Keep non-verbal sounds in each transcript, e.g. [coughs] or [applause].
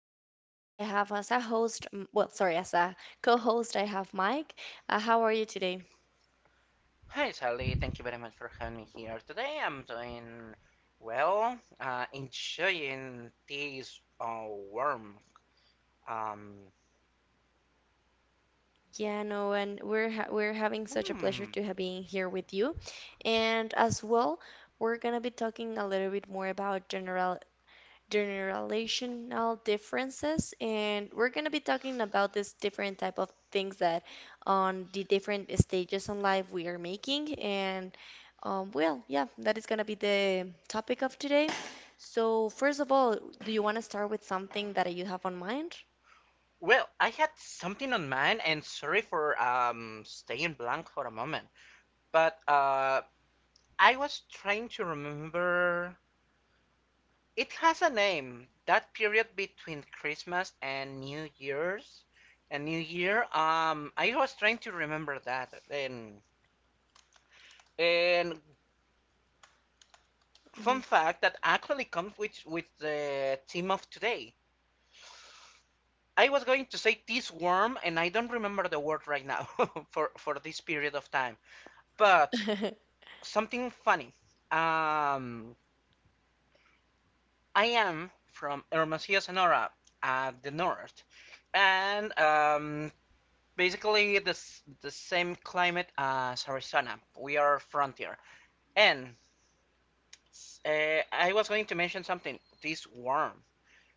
Riverside. Today I have as a host, as a co-host, I have Mike. How are you today? Hi Sally, thank you very much for having me here today. I'm doing well, enjoying this warm. Um, Yeah, no, and we're having such a pleasure hmm. to have being here with you. And as well, we're gonna be talking a little bit more about general generational differences, and we're going to be talking about this different type of things that on the different stages in life we are making. And well, yeah, that is going to be the topic of today. So first of all, do you want to start with something that you have on mind? Well, I had something on mind, and sorry for staying blank for a moment, but I was trying to remember. It has a name. That period between Christmas and New Year's, and New Year. I was trying to remember that, and. And fun Hmm fact that actually comes with the theme of today. I was going to say this worm, and I don't remember the word right now [laughs] for this period of time. But [laughs] something funny. Um, I am from Hermosillo, Sonora, at the north, and basically the same climate as Arizona. We are frontier, and I was going to mention something. This worm.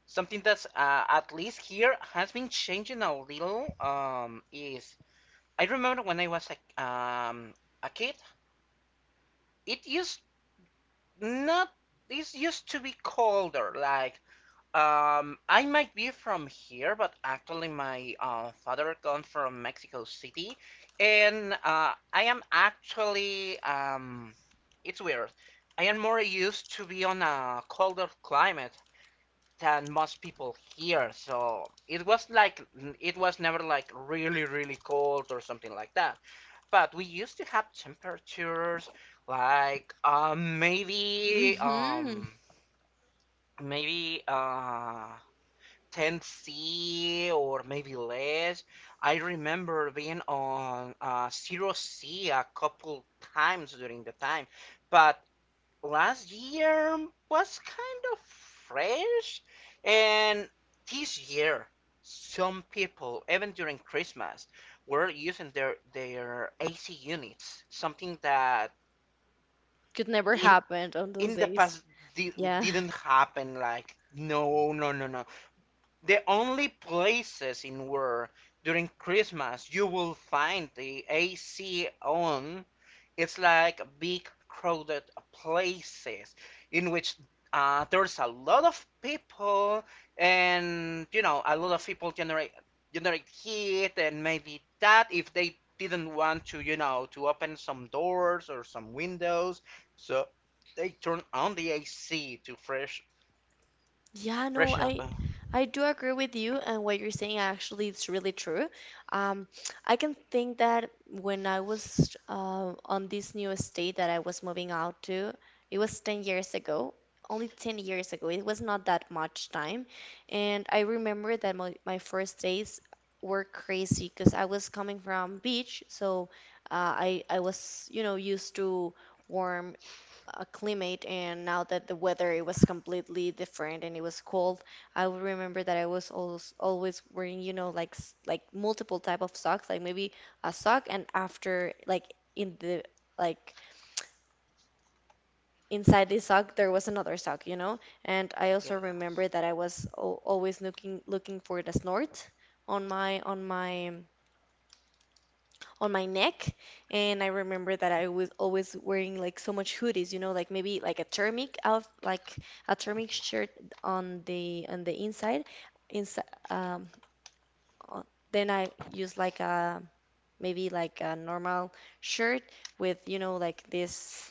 Something that's at least here has been changing a little is I remember when I was a, um, a kid, it used not this used to be colder. Like I might be from here, but actually my father comes from Mexico City, and I am actually it's weird. I am more used to be on a colder climate than most people here. So it was like it was never like really really cold or something like that. But we used to have temperatures like maybe 10°C C or maybe less. I remember being on 0°C a couple times during the time, but last year was kind of fresh and this year some people even during Christmas were using their AC units, something that Could never in happen on those in the days. past, di- Yeah. didn't happen. Like, no no no no, the only places in where during Christmas you will find the AC on, it's like big crowded places in which there's a lot of people, and a lot of people generate heat, and maybe that if they didn't want to, to open some doors or some windows, so they turn on the AC to fresh Yeah, no, fresh up. I do agree with you, and what you're saying actually it's really true. Um, I can think that when I was on this new estate that I was moving out to, it was 10 years ago, only 10 years ago. It was not that much time. And I remember that my first days were crazy because I was coming from beach, so I was, you know, used to warm climate, and now that the weather it was completely different and it was cold. I would remember that I was always wearing, you know, like like multiple type of socks. Like maybe a sock and after like in the like inside this sock there was another sock, you know. And I also remember Yes. that I was al always looking for the snort on my on my on my neck. And I remember that I was always wearing like so much hoodies, you know, like maybe like a thermic out, like a thermic shirt on the inside, inside um on, then I use like a maybe like a normal shirt with, you know, like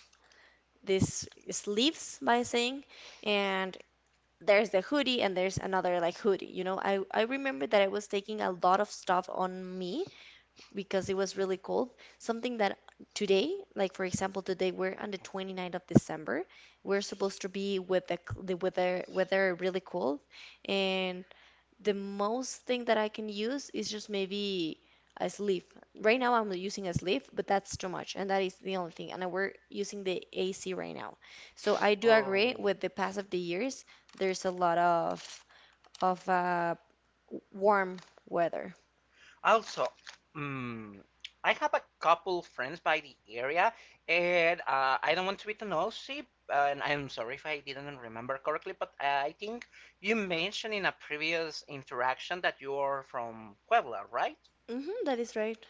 this sleeves by saying. And there's the hoodie and there's another like hoodie, you know. I remember that I was taking a lot of stuff on me because it was really cold. Something that today, like for example, today we're on the 29th of December. We're supposed to be with the weather really cold, and the most thing that I can use is just maybe a sleeve. Right now I'm using a sleeve, but that's too much, and that is the only thing. And we're using the AC right now, so I do agree Oh. with the pass of the years. There's a lot of of uh, warm weather. Also, mm, I have a couple friends by the area, and I don't want to be the nosy, and I'm sorry if I didn't remember correctly, but I think you mentioned in a previous interaction that you're from Puebla, right? Hmm, that is right.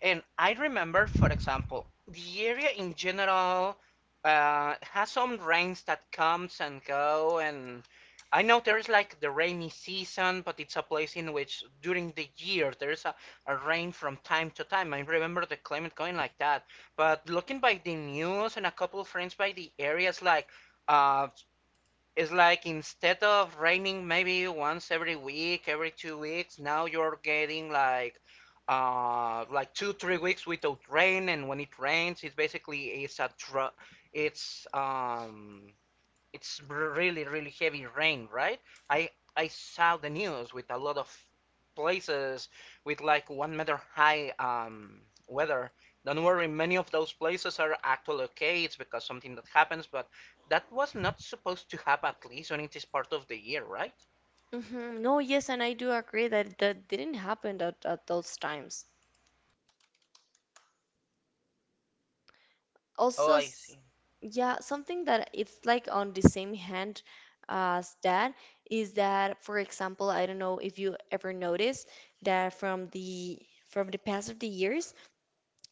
And I remember, for example, the area in general has some rains that comes and go, and I know there's like the rainy season, but it's a place in which during the year there's a rain from time to time. I remember the climate going like that. But looking by the news and a couple of friends by the areas, like uh, it's like instead of raining maybe once every week, every 2 weeks, now you're getting like like two, 3 weeks without rain, and when it rains, it's basically it's a dr it's um it's really really heavy rain, right? I i saw the news with a lot of places with like 1 meter high weather. Don't worry, many of those places are actually okay. It's because something that happens, but that was not supposed to happen, at least when it is part of the year, right? Hmm. No, yes, and I do agree that that didn't happen at those times. Oh, Also, I see. yeah, something that it's like on the same hand as that is that, for example, I don't know if you ever noticed that from the past of the years,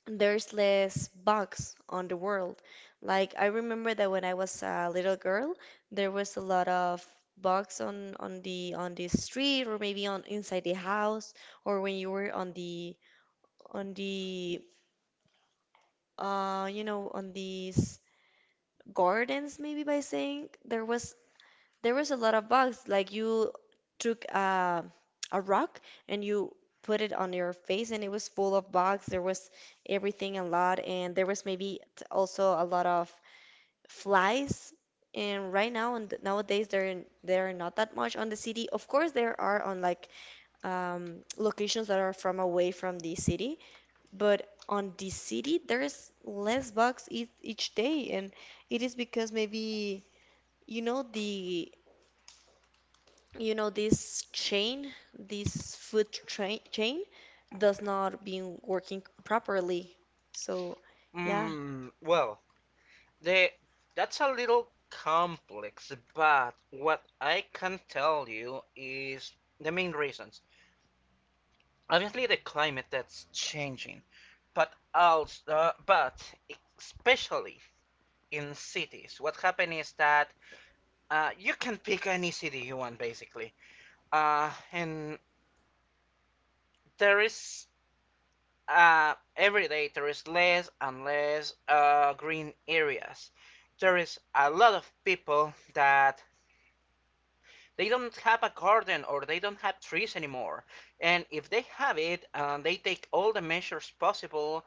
there's less bugs on the world. Like I remember that when I was a little girl, there was a lot of bugs on the street, or maybe on inside the house, or when you were on the you know, on these gardens maybe by saying. There was there was a lot of bugs. Like you took a rock and you put it on your face and it was full of bugs. There was everything, a lot. And there was maybe also a lot of flies. And right now and nowadays there are not that much on the city. Of course there are on like locations that are from away from the city. But on the city, there's less bugs each day. And it is because maybe you know the you know this chain, this food train chain does not been working properly. So yeah. Well, the that's a little complex, but what I can tell you is the main reasons. Obviously the climate that's changing, but also, but especially in cities, what happened is that you can pick any city you want basically, and there is every day there is less and less green areas. There is a lot of people that they don't have a garden or they don't have trees anymore. And if they have it, they take all the measures possible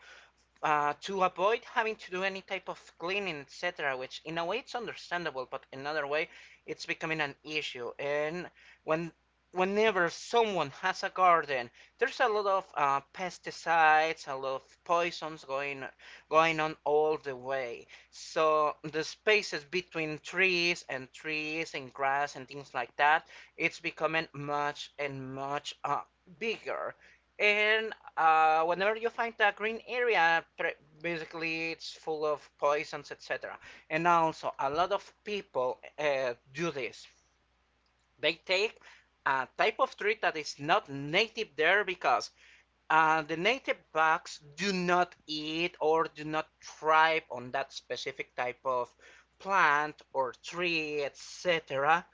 to avoid having to do any type of cleaning, etc., which in a way it's understandable, but in another way it's becoming an issue. And when whenever someone has a garden, there's a lot of pesticides, a lot of poisons going on all the way. So the spaces between trees and trees and grass and things like that, it's becoming much and much bigger. And whenever you find a green area, basically it's full of poisons, etc. And also, a lot of people do this. They take a type of tree that is not native there because the native bugs do not eat or do not thrive on that specific type of plant or tree, etc.,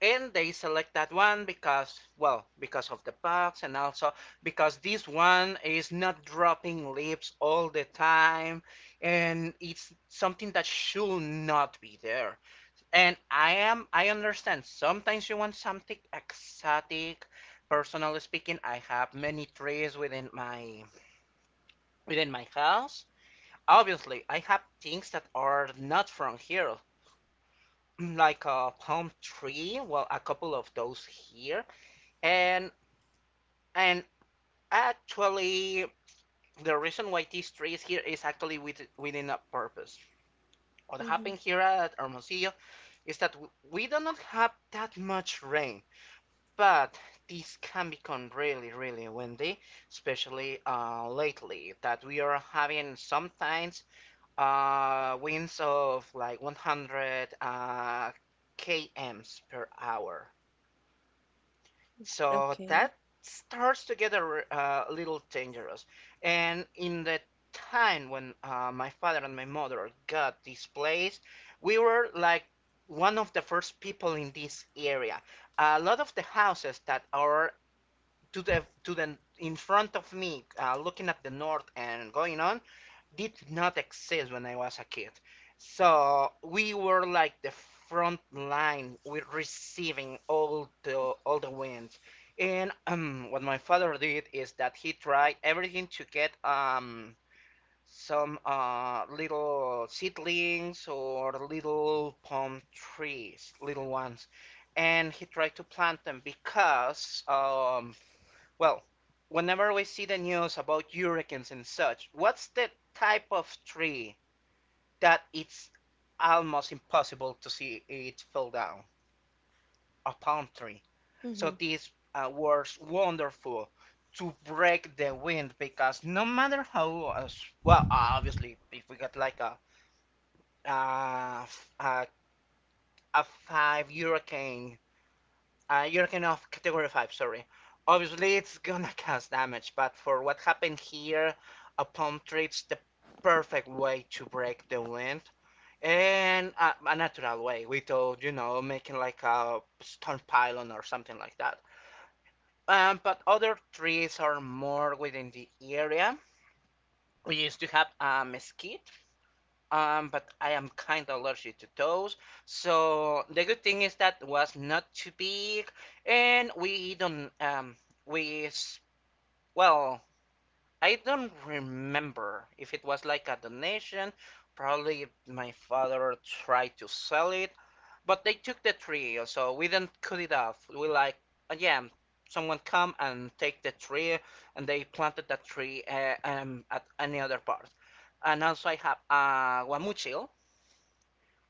and they select that one because, well, because of the bugs, and also because this one is not dropping leaves all the time, and it's something that should not be there. And I understand sometimes you want something exotic. Personally speaking, I have many trees within my house obviously I have things that are not from here, [clears throat] like a palm tree, well, a couple of those here. And and actually, the reason why these trees here is actually within a purpose. What Hmm. happened here at Hermosillo is that we do not have that much rain, but this can become really, really windy, especially lately that we are having sometimes winds of like 100 kms per hour. So Okay. that starts to get a little dangerous. And in the time when my father and my mother got this place, we were like one of the first people in this area. A lot of the houses that are to the in front of me, looking at the north and going on, did not exist when I was a kid. So we were like the front line with receiving all the wins. And what my father did is that he tried everything to get some little seedlings or little palm trees, little ones, and he tried to plant them because well, whenever we see the news about hurricanes and such, what's the type of tree that it's almost impossible to see it fall down? A palm tree. So Hmm. this was wonderful to break the wind, because no matter how, as well, obviously, if we got like uh, f- a, a five hurricane, Jurgen of category 5, sorry, obviously, it's gonna [laughs] cause damage, but for what happened here, a palm tree is the perfect way to break the wind. And a natural way, without, making like a stone pylon or something like that. But other trees are more within the area. We used to have a mesquite, but I am kind of allergic to those. So the good thing is that was not too big, and we don't we well, I don't remember if it was like a donation. Probably my father tried to sell it, but they took the tree, so we didn't cut it off. We like, yeah, someone come and take the tree, and they planted that tree at another part. And also I have a guamuchil,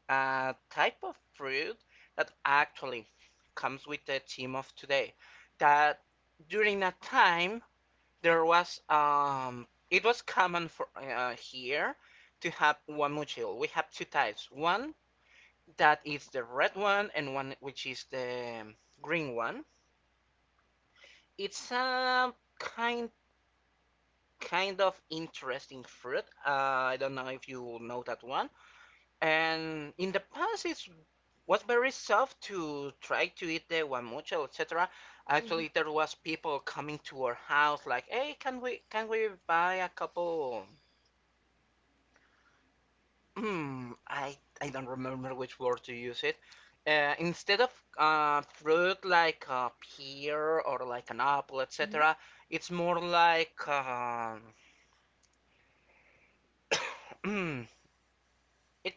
a type of fruit that actually comes with the theme of today. That during that time there was it was common for here to have one mochil. We have two types. One that is the red one and one which is the green one. It's a kind kind of interesting fruit. I don't know if you know that one. And in the past, it's was very soft to try to eat the guamuchil, etc. Actually, Hmm. there was people coming to our house like, "Hey, can we buy a couple?" I don't remember which word to use it. Instead of fruit like a pear or like an apple, Hmm. etc., it's more like [coughs] it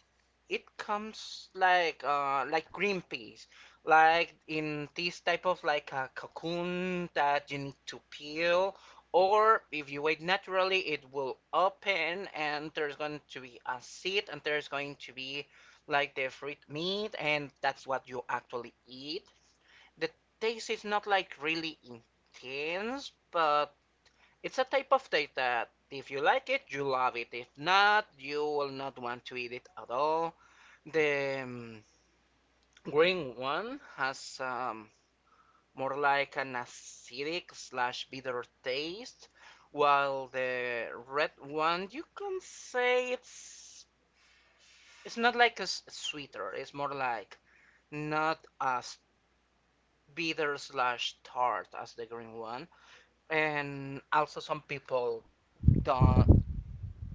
it comes like green peas, like in this type of like a cocoon that you need to peel, or if you wait naturally it will open and there's going to be a seed and there's going to be like the fruit meat, and that's what you actually eat. The taste is not like really intense, but it's a type of taste that if you like it you love it, if not you will not want to eat it at all. The green one has more like an acidic slash bitter taste, while the red one, you can say it's not like a sweeter. It's more like not as bitter slash tart as the green one. And also some people don't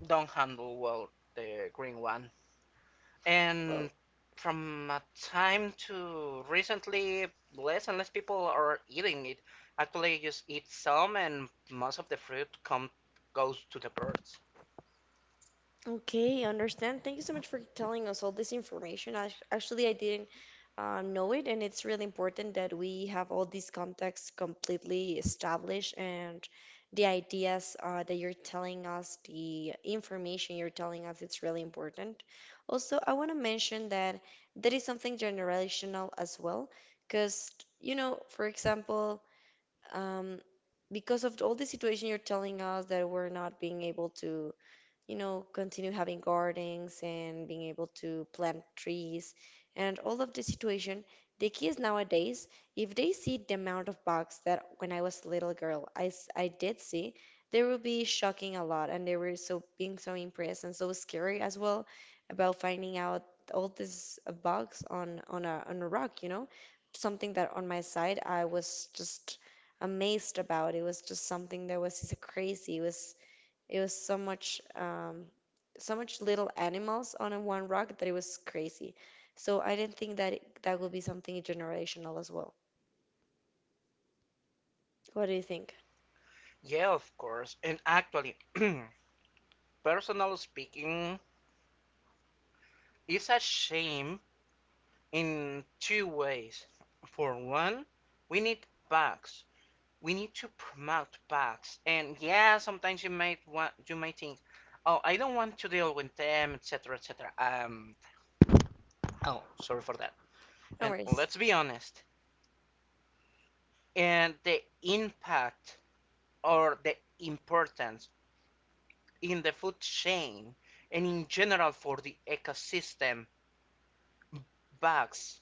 don't handle well the green one. And from a time to recently, less and less people are eating it. Actually, you just eat some, and most of the fruit come goes to the birds. Okay, I understand. Thank you so much for telling us all this information. Actually, I didn't know it, and it's really important that we have all these contacts completely established and the ideas that you're telling us, the information you're telling us, it's really important. Also, I want to mention that that is something generational as well, because, you know, for example, um, because of all the situation you're telling us that we're not being able to, you know, continue having gardens and being able to plant trees and all of the situation. The kids nowadays, if they see the amount of bugs that when I was a little girl, I did see, they will be shocking a lot, and they were so being so impressed and so scary as well about finding out all these bugs on a rock, you know. Something that on my side I was just amazed about. It was just something that was just crazy. It was so much, so much little animals on a one rock that it was crazy. So I didn't think that that would be something generational as well. What do you think? Yeah, of course. And actually, [clears throat] personally speaking, it's a shame in two ways. For one, we need bugs. We need to promote bugs. And yeah, sometimes you might think, oh, I don't want to deal with them, etc., etc. Oh, sorry for that. No And worries. let's be honest, and the impact or the importance in the food chain, and in general for the ecosystem, bugs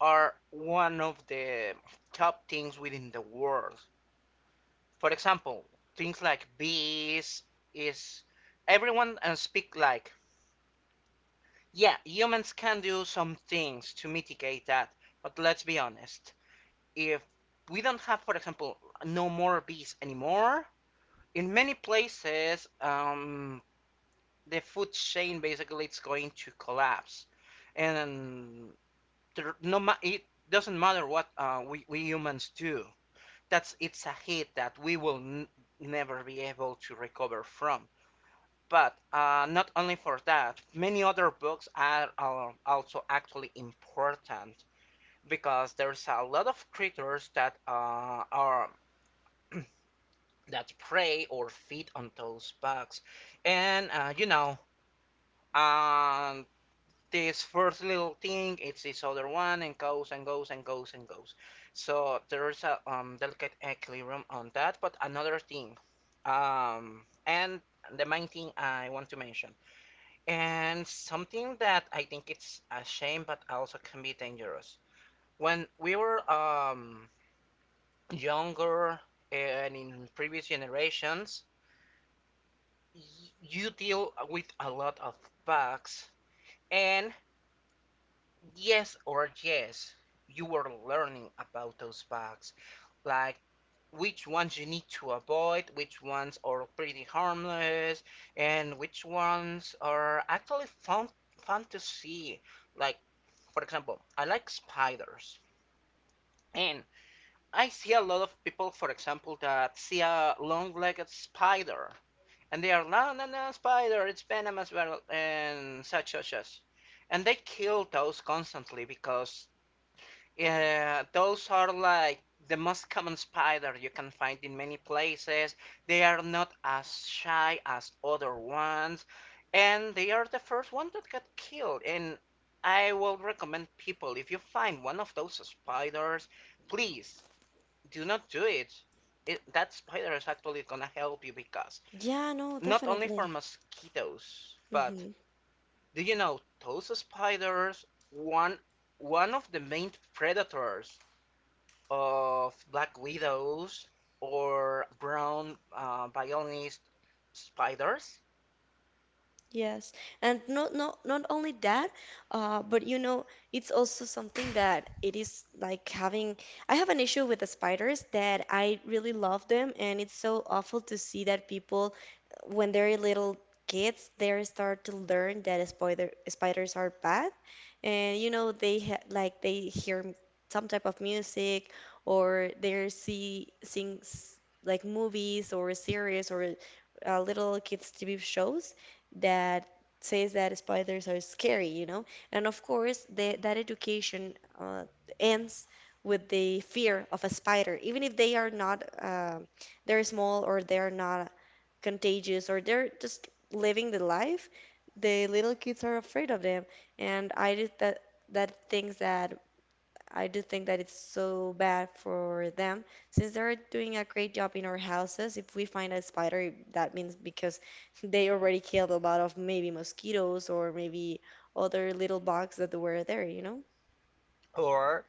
are one of the top things within the world. For example, things like bees is everyone and speak like, yeah, humans can do some things to mitigate that, but let's be honest, if we don't have, for example, no more bees anymore, in many places, the food chain basically it's going to collapse, and there, no, it doesn't matter what we humans do. That's it's a hit that we will never be able to recover from. But not only for that, many other books are also actually important, because there's a lot of creatures that are that prey or feed on those bugs. And um, this first little thing, it's this other one, and goes and goes and goes and goes. So there's a delicate equilibrium on that. But another thing, um, and the main thing I want to mention, and something that I think it's a shame, but also can be dangerous. When we were younger and in previous generations, you deal with a lot of bugs, and yes or yes, you were learning about those bugs, like which ones you need to avoid, which ones are pretty harmless, and which ones are actually fun to see. Like for example, I like spiders, and I see a lot of people, for example, that see a long-legged spider, and they are, no, no, no, spider, it's venomous, well, and such, such, such, and they kill those constantly, because those are like the most common spider you can find in many places. They are not as shy as other ones, and they are the first one that got killed. And I will recommend people, if you find one of those spiders, please do not do it. That spider is actually gonna help you, because Yeah, no, not only for definitely. mosquitoes, but Mhm. do you know toes spiders? One one of the main predators of black widows, or brown violinist spiders. Yes, and not only that, but you know, it's also something that it is like having. I have an issue with the spiders that I really love them, and it's so awful to see that people, when they're little kids, they start to learn that spiders are bad. And you know they ha like they hear some type of music, or they see things like movies or series or little kids TV shows that says that spiders are scary, you know? And of course, that education ends with the fear of a spider, even if they are not, they're small, or they're not contagious, or they're just living the life, the little kids are afraid of them. And I did that, that things that I do think that it's so bad for them, since they're doing a great job in our houses. If we find a spider, that means because [laughs] they already killed a lot of maybe mosquitoes or maybe other little bugs that were there, you know? Or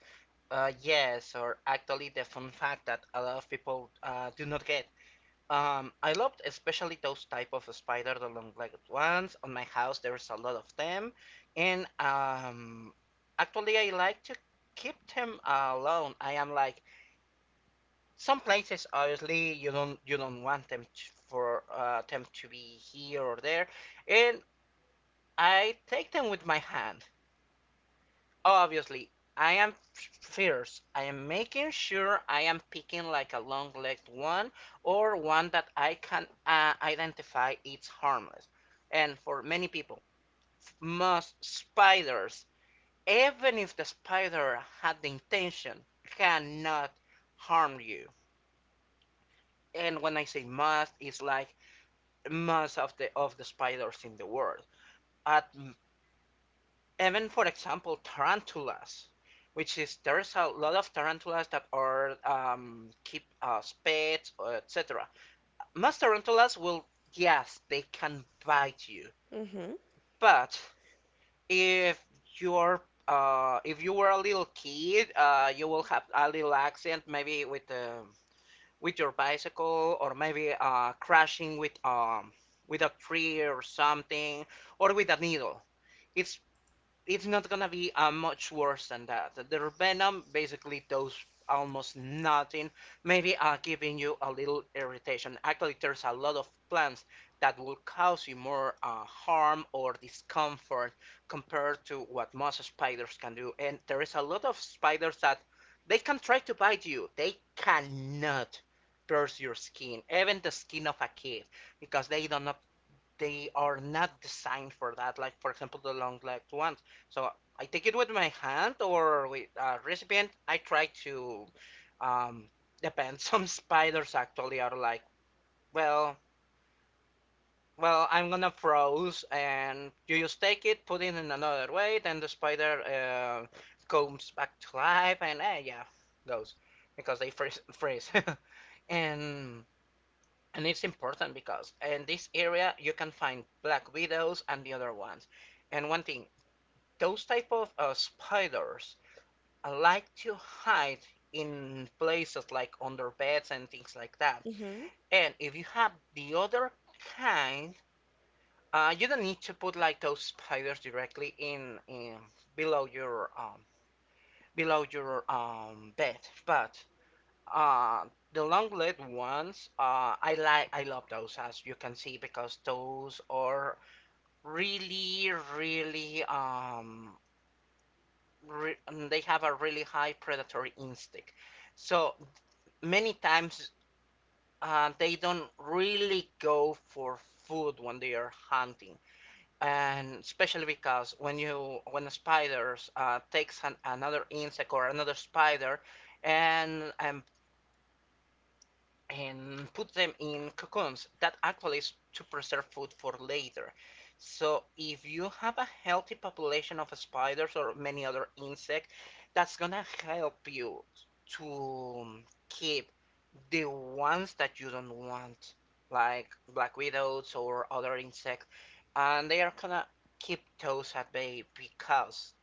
yes, or actually the fun fact that a lot of people do not get. I loved especially those type of spider, the long-legged ones. On my house, there's a lot of them, and actually, I like to keep them alone. I am like, some places, obviously, you don't want them to, for them to be here or there, and I take them with my hand. Obviously, I am fierce. I am making sure I am picking like a long-legged one, or one that I can identify it's harmless. And for many people, most spiders, even if the spider had the intention, cannot harm you. And when I say most, it's like most of the spiders in the world. At even, for example, tarantulas, which is there's a lot of tarantulas that are keep as pets or etc. Most tarantulas will, yes, they can bite you. Mm-hmm. But if if you were a little kid, you will have a little accident, maybe with your bicycle, or maybe crashing with a tree or something, or with a needle. It's it's not gonna be much worse than that. The venom basically does almost nothing, maybe giving you a little irritation. Actually, there's a lot of plants that will cause you more harm or discomfort compared to what most spiders can do. And there is a lot of spiders that they can try to bite you. They cannot pierce your skin, even the skin of a kid, because they are not designed for that. Like for example, the long-legged ones. So I take it with my hand, or with a recipient. I try to um, depend. [laughs] Some spiders actually are like, well, well, I'm gonna froze, and you just take it, put it in another way, then the spider comes back to life, and yeah, goes because they freeze. [laughs] and and it's important, because in this area you can find black widows and the other ones. And one thing, those type of spiders like to hide in places like under beds and things like that. Mm-hmm. And if you have the other kind, you don't need to put like those spiders directly in below your bed. But Uh, the long legged ones, I love those, as you can see, because those are really, really, re- they have a really high predatory instinct. So many times, they don't really go for food when they are hunting, and especially because when a spider takes another insect or another spider, and and and put them in cocoons, that actually is to preserve food for later. So if you have a healthy population of spiders or many other insect, that's gonna help you to keep the ones that you don't want, like black widows or other insects, and they are gonna keep those at bay, because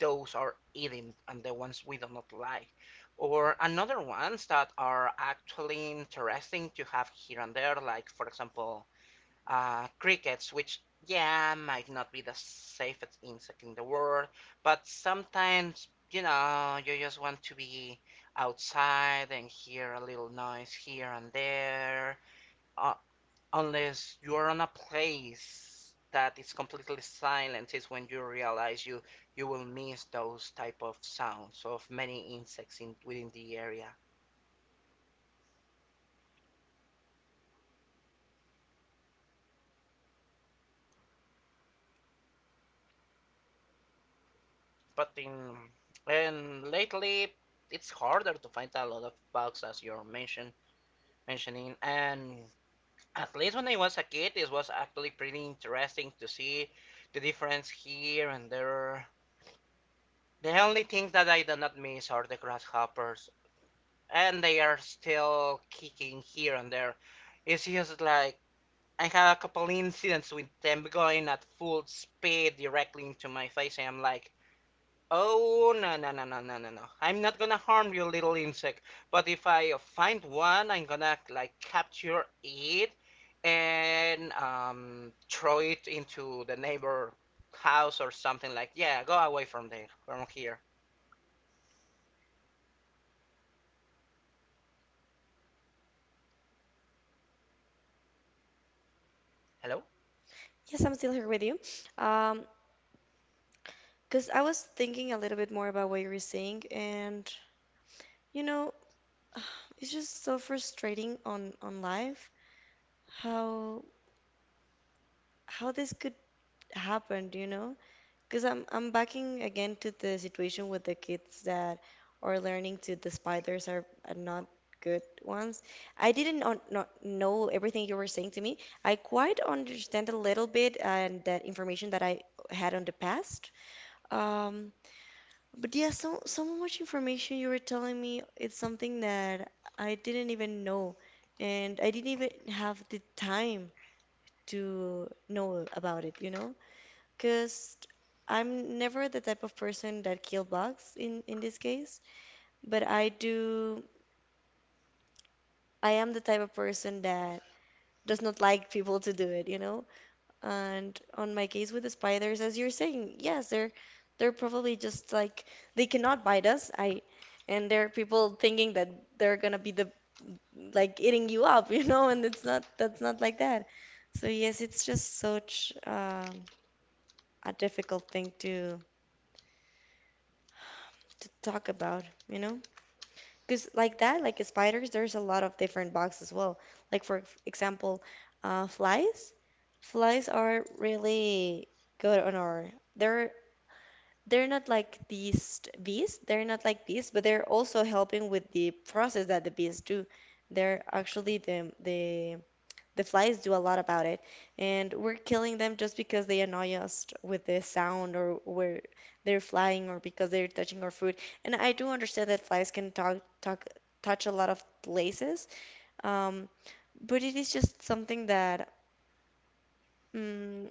those are eating, and the ones we do not like. Or another ones that are actually interesting to have here and there, like for example, crickets, which, yeah, might not be the safest insect in the world, but sometimes you just want to be outside and hear a little noise here and there, unless you're on a place that is completely silent, is when you realize you will miss those type of sounds of many insects in within the area, but in and lately it's harder to find a lot of bugs, as you're mentioning, and at least when I was a kid it was actually pretty interesting to see the difference here and there. The only things that I do not miss are the grasshoppers, and they are still kicking here and there. It's just like I had a couple incidents with them going at full speed directly into my face, and I'm like, oh, no, no, no, no, no, no, no! I'm not gonna harm you, little insect. But if I find one, I'm gonna like capture it and throw it into the neighbor house, or something like, yeah, go away from there, from here. Hello. Yes, I'm still here with you. Um, cause I was thinking a little bit more about what you were saying, and you know, [sighs] it's just so frustrating on life how how this could happen, you know? Because I'm backing again to the situation with the kids that are learning to the spiders are not good ones. I didn't not know everything you were saying to me. I quite understand a little bit and that information that I had on the past. Um, but yeah, so so much information you were telling me, it's something that I didn't even know, and I didn't even have the time to know about it, you know? Because I'm never the type of person that kill bugs in this case, but I am the type of person that does not like people to do it, you know? And on my case with the spiders, as you're saying, yes, they're probably just like they cannot bite us. I and there are people thinking that they're gonna be the like eating you up, [laughs] you know, and it's not, that's not like that. So yes, it's just such a difficult thing to talk about, you know? Because like that, like spiders, there's a lot of different bugs as well. Like for example, flies. Flies are really good on our. They're they're not like bees. They're not like bees, but they're also helping with the process that the bees do. They're actually the flies do a lot about it, and we're killing them just because they annoy us with the sound or where they're flying, or because they're touching our food. And I do understand that flies can talk, touch a lot of places, um, but it is just something that. mm,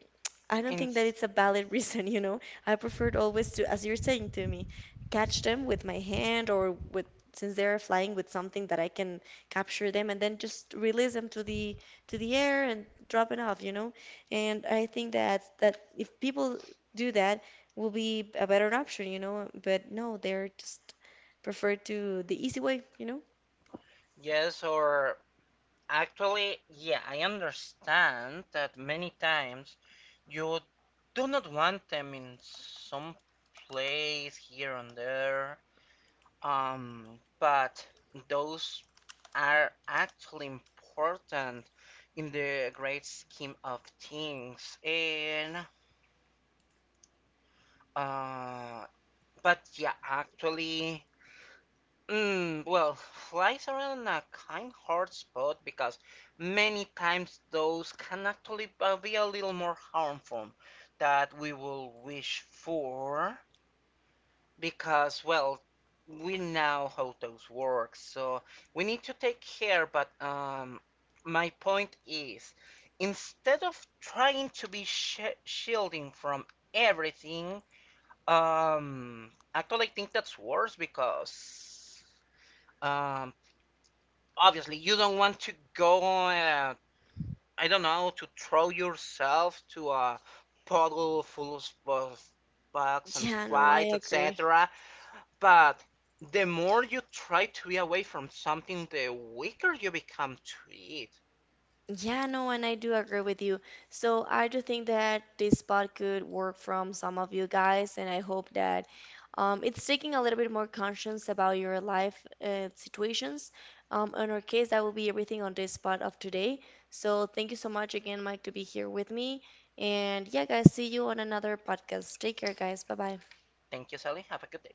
I don't In think that it's a valid [laughs] reason, you know. I preferred always to, as you're saying to me, catch them with my hand or with, since they're flying, with something that I can capture them and then just release them to the air and drop it off, you know. And I think that that if people do that, will be a better option, you know. But no, they're just preferred to the easy way, you know. yes or Actually, yeah, I understand that many times you do not want them in some place here and there. But those are actually important in the great scheme of things. And uh, but yeah, actually, well, flies are in a kind hard spot, because many times those can actually be a little more harmful that we will wish for, because, well, we know how those work, so we need to take care. But my point is, instead of trying to be sh shielding from everything, actually I think that's worse, because. Um, obviously you don't want to go, I don't know, to throw yourself to a puddle full of bugs and Yeah, no, I flies, agree. etc. But the more you try to be away from something, the weaker you become to it. Yeah, no, and I do agree with you. So I do think that this part could work from some of you guys, and I hope that it's taking a little bit more conscience about your life situations. In our case, that will be everything on this part of today. So thank you so much again, Mike, to be here with me. And yeah, guys, see you on another podcast. Take care, guys. Bye bye. Thank you, Sally. Have a good day.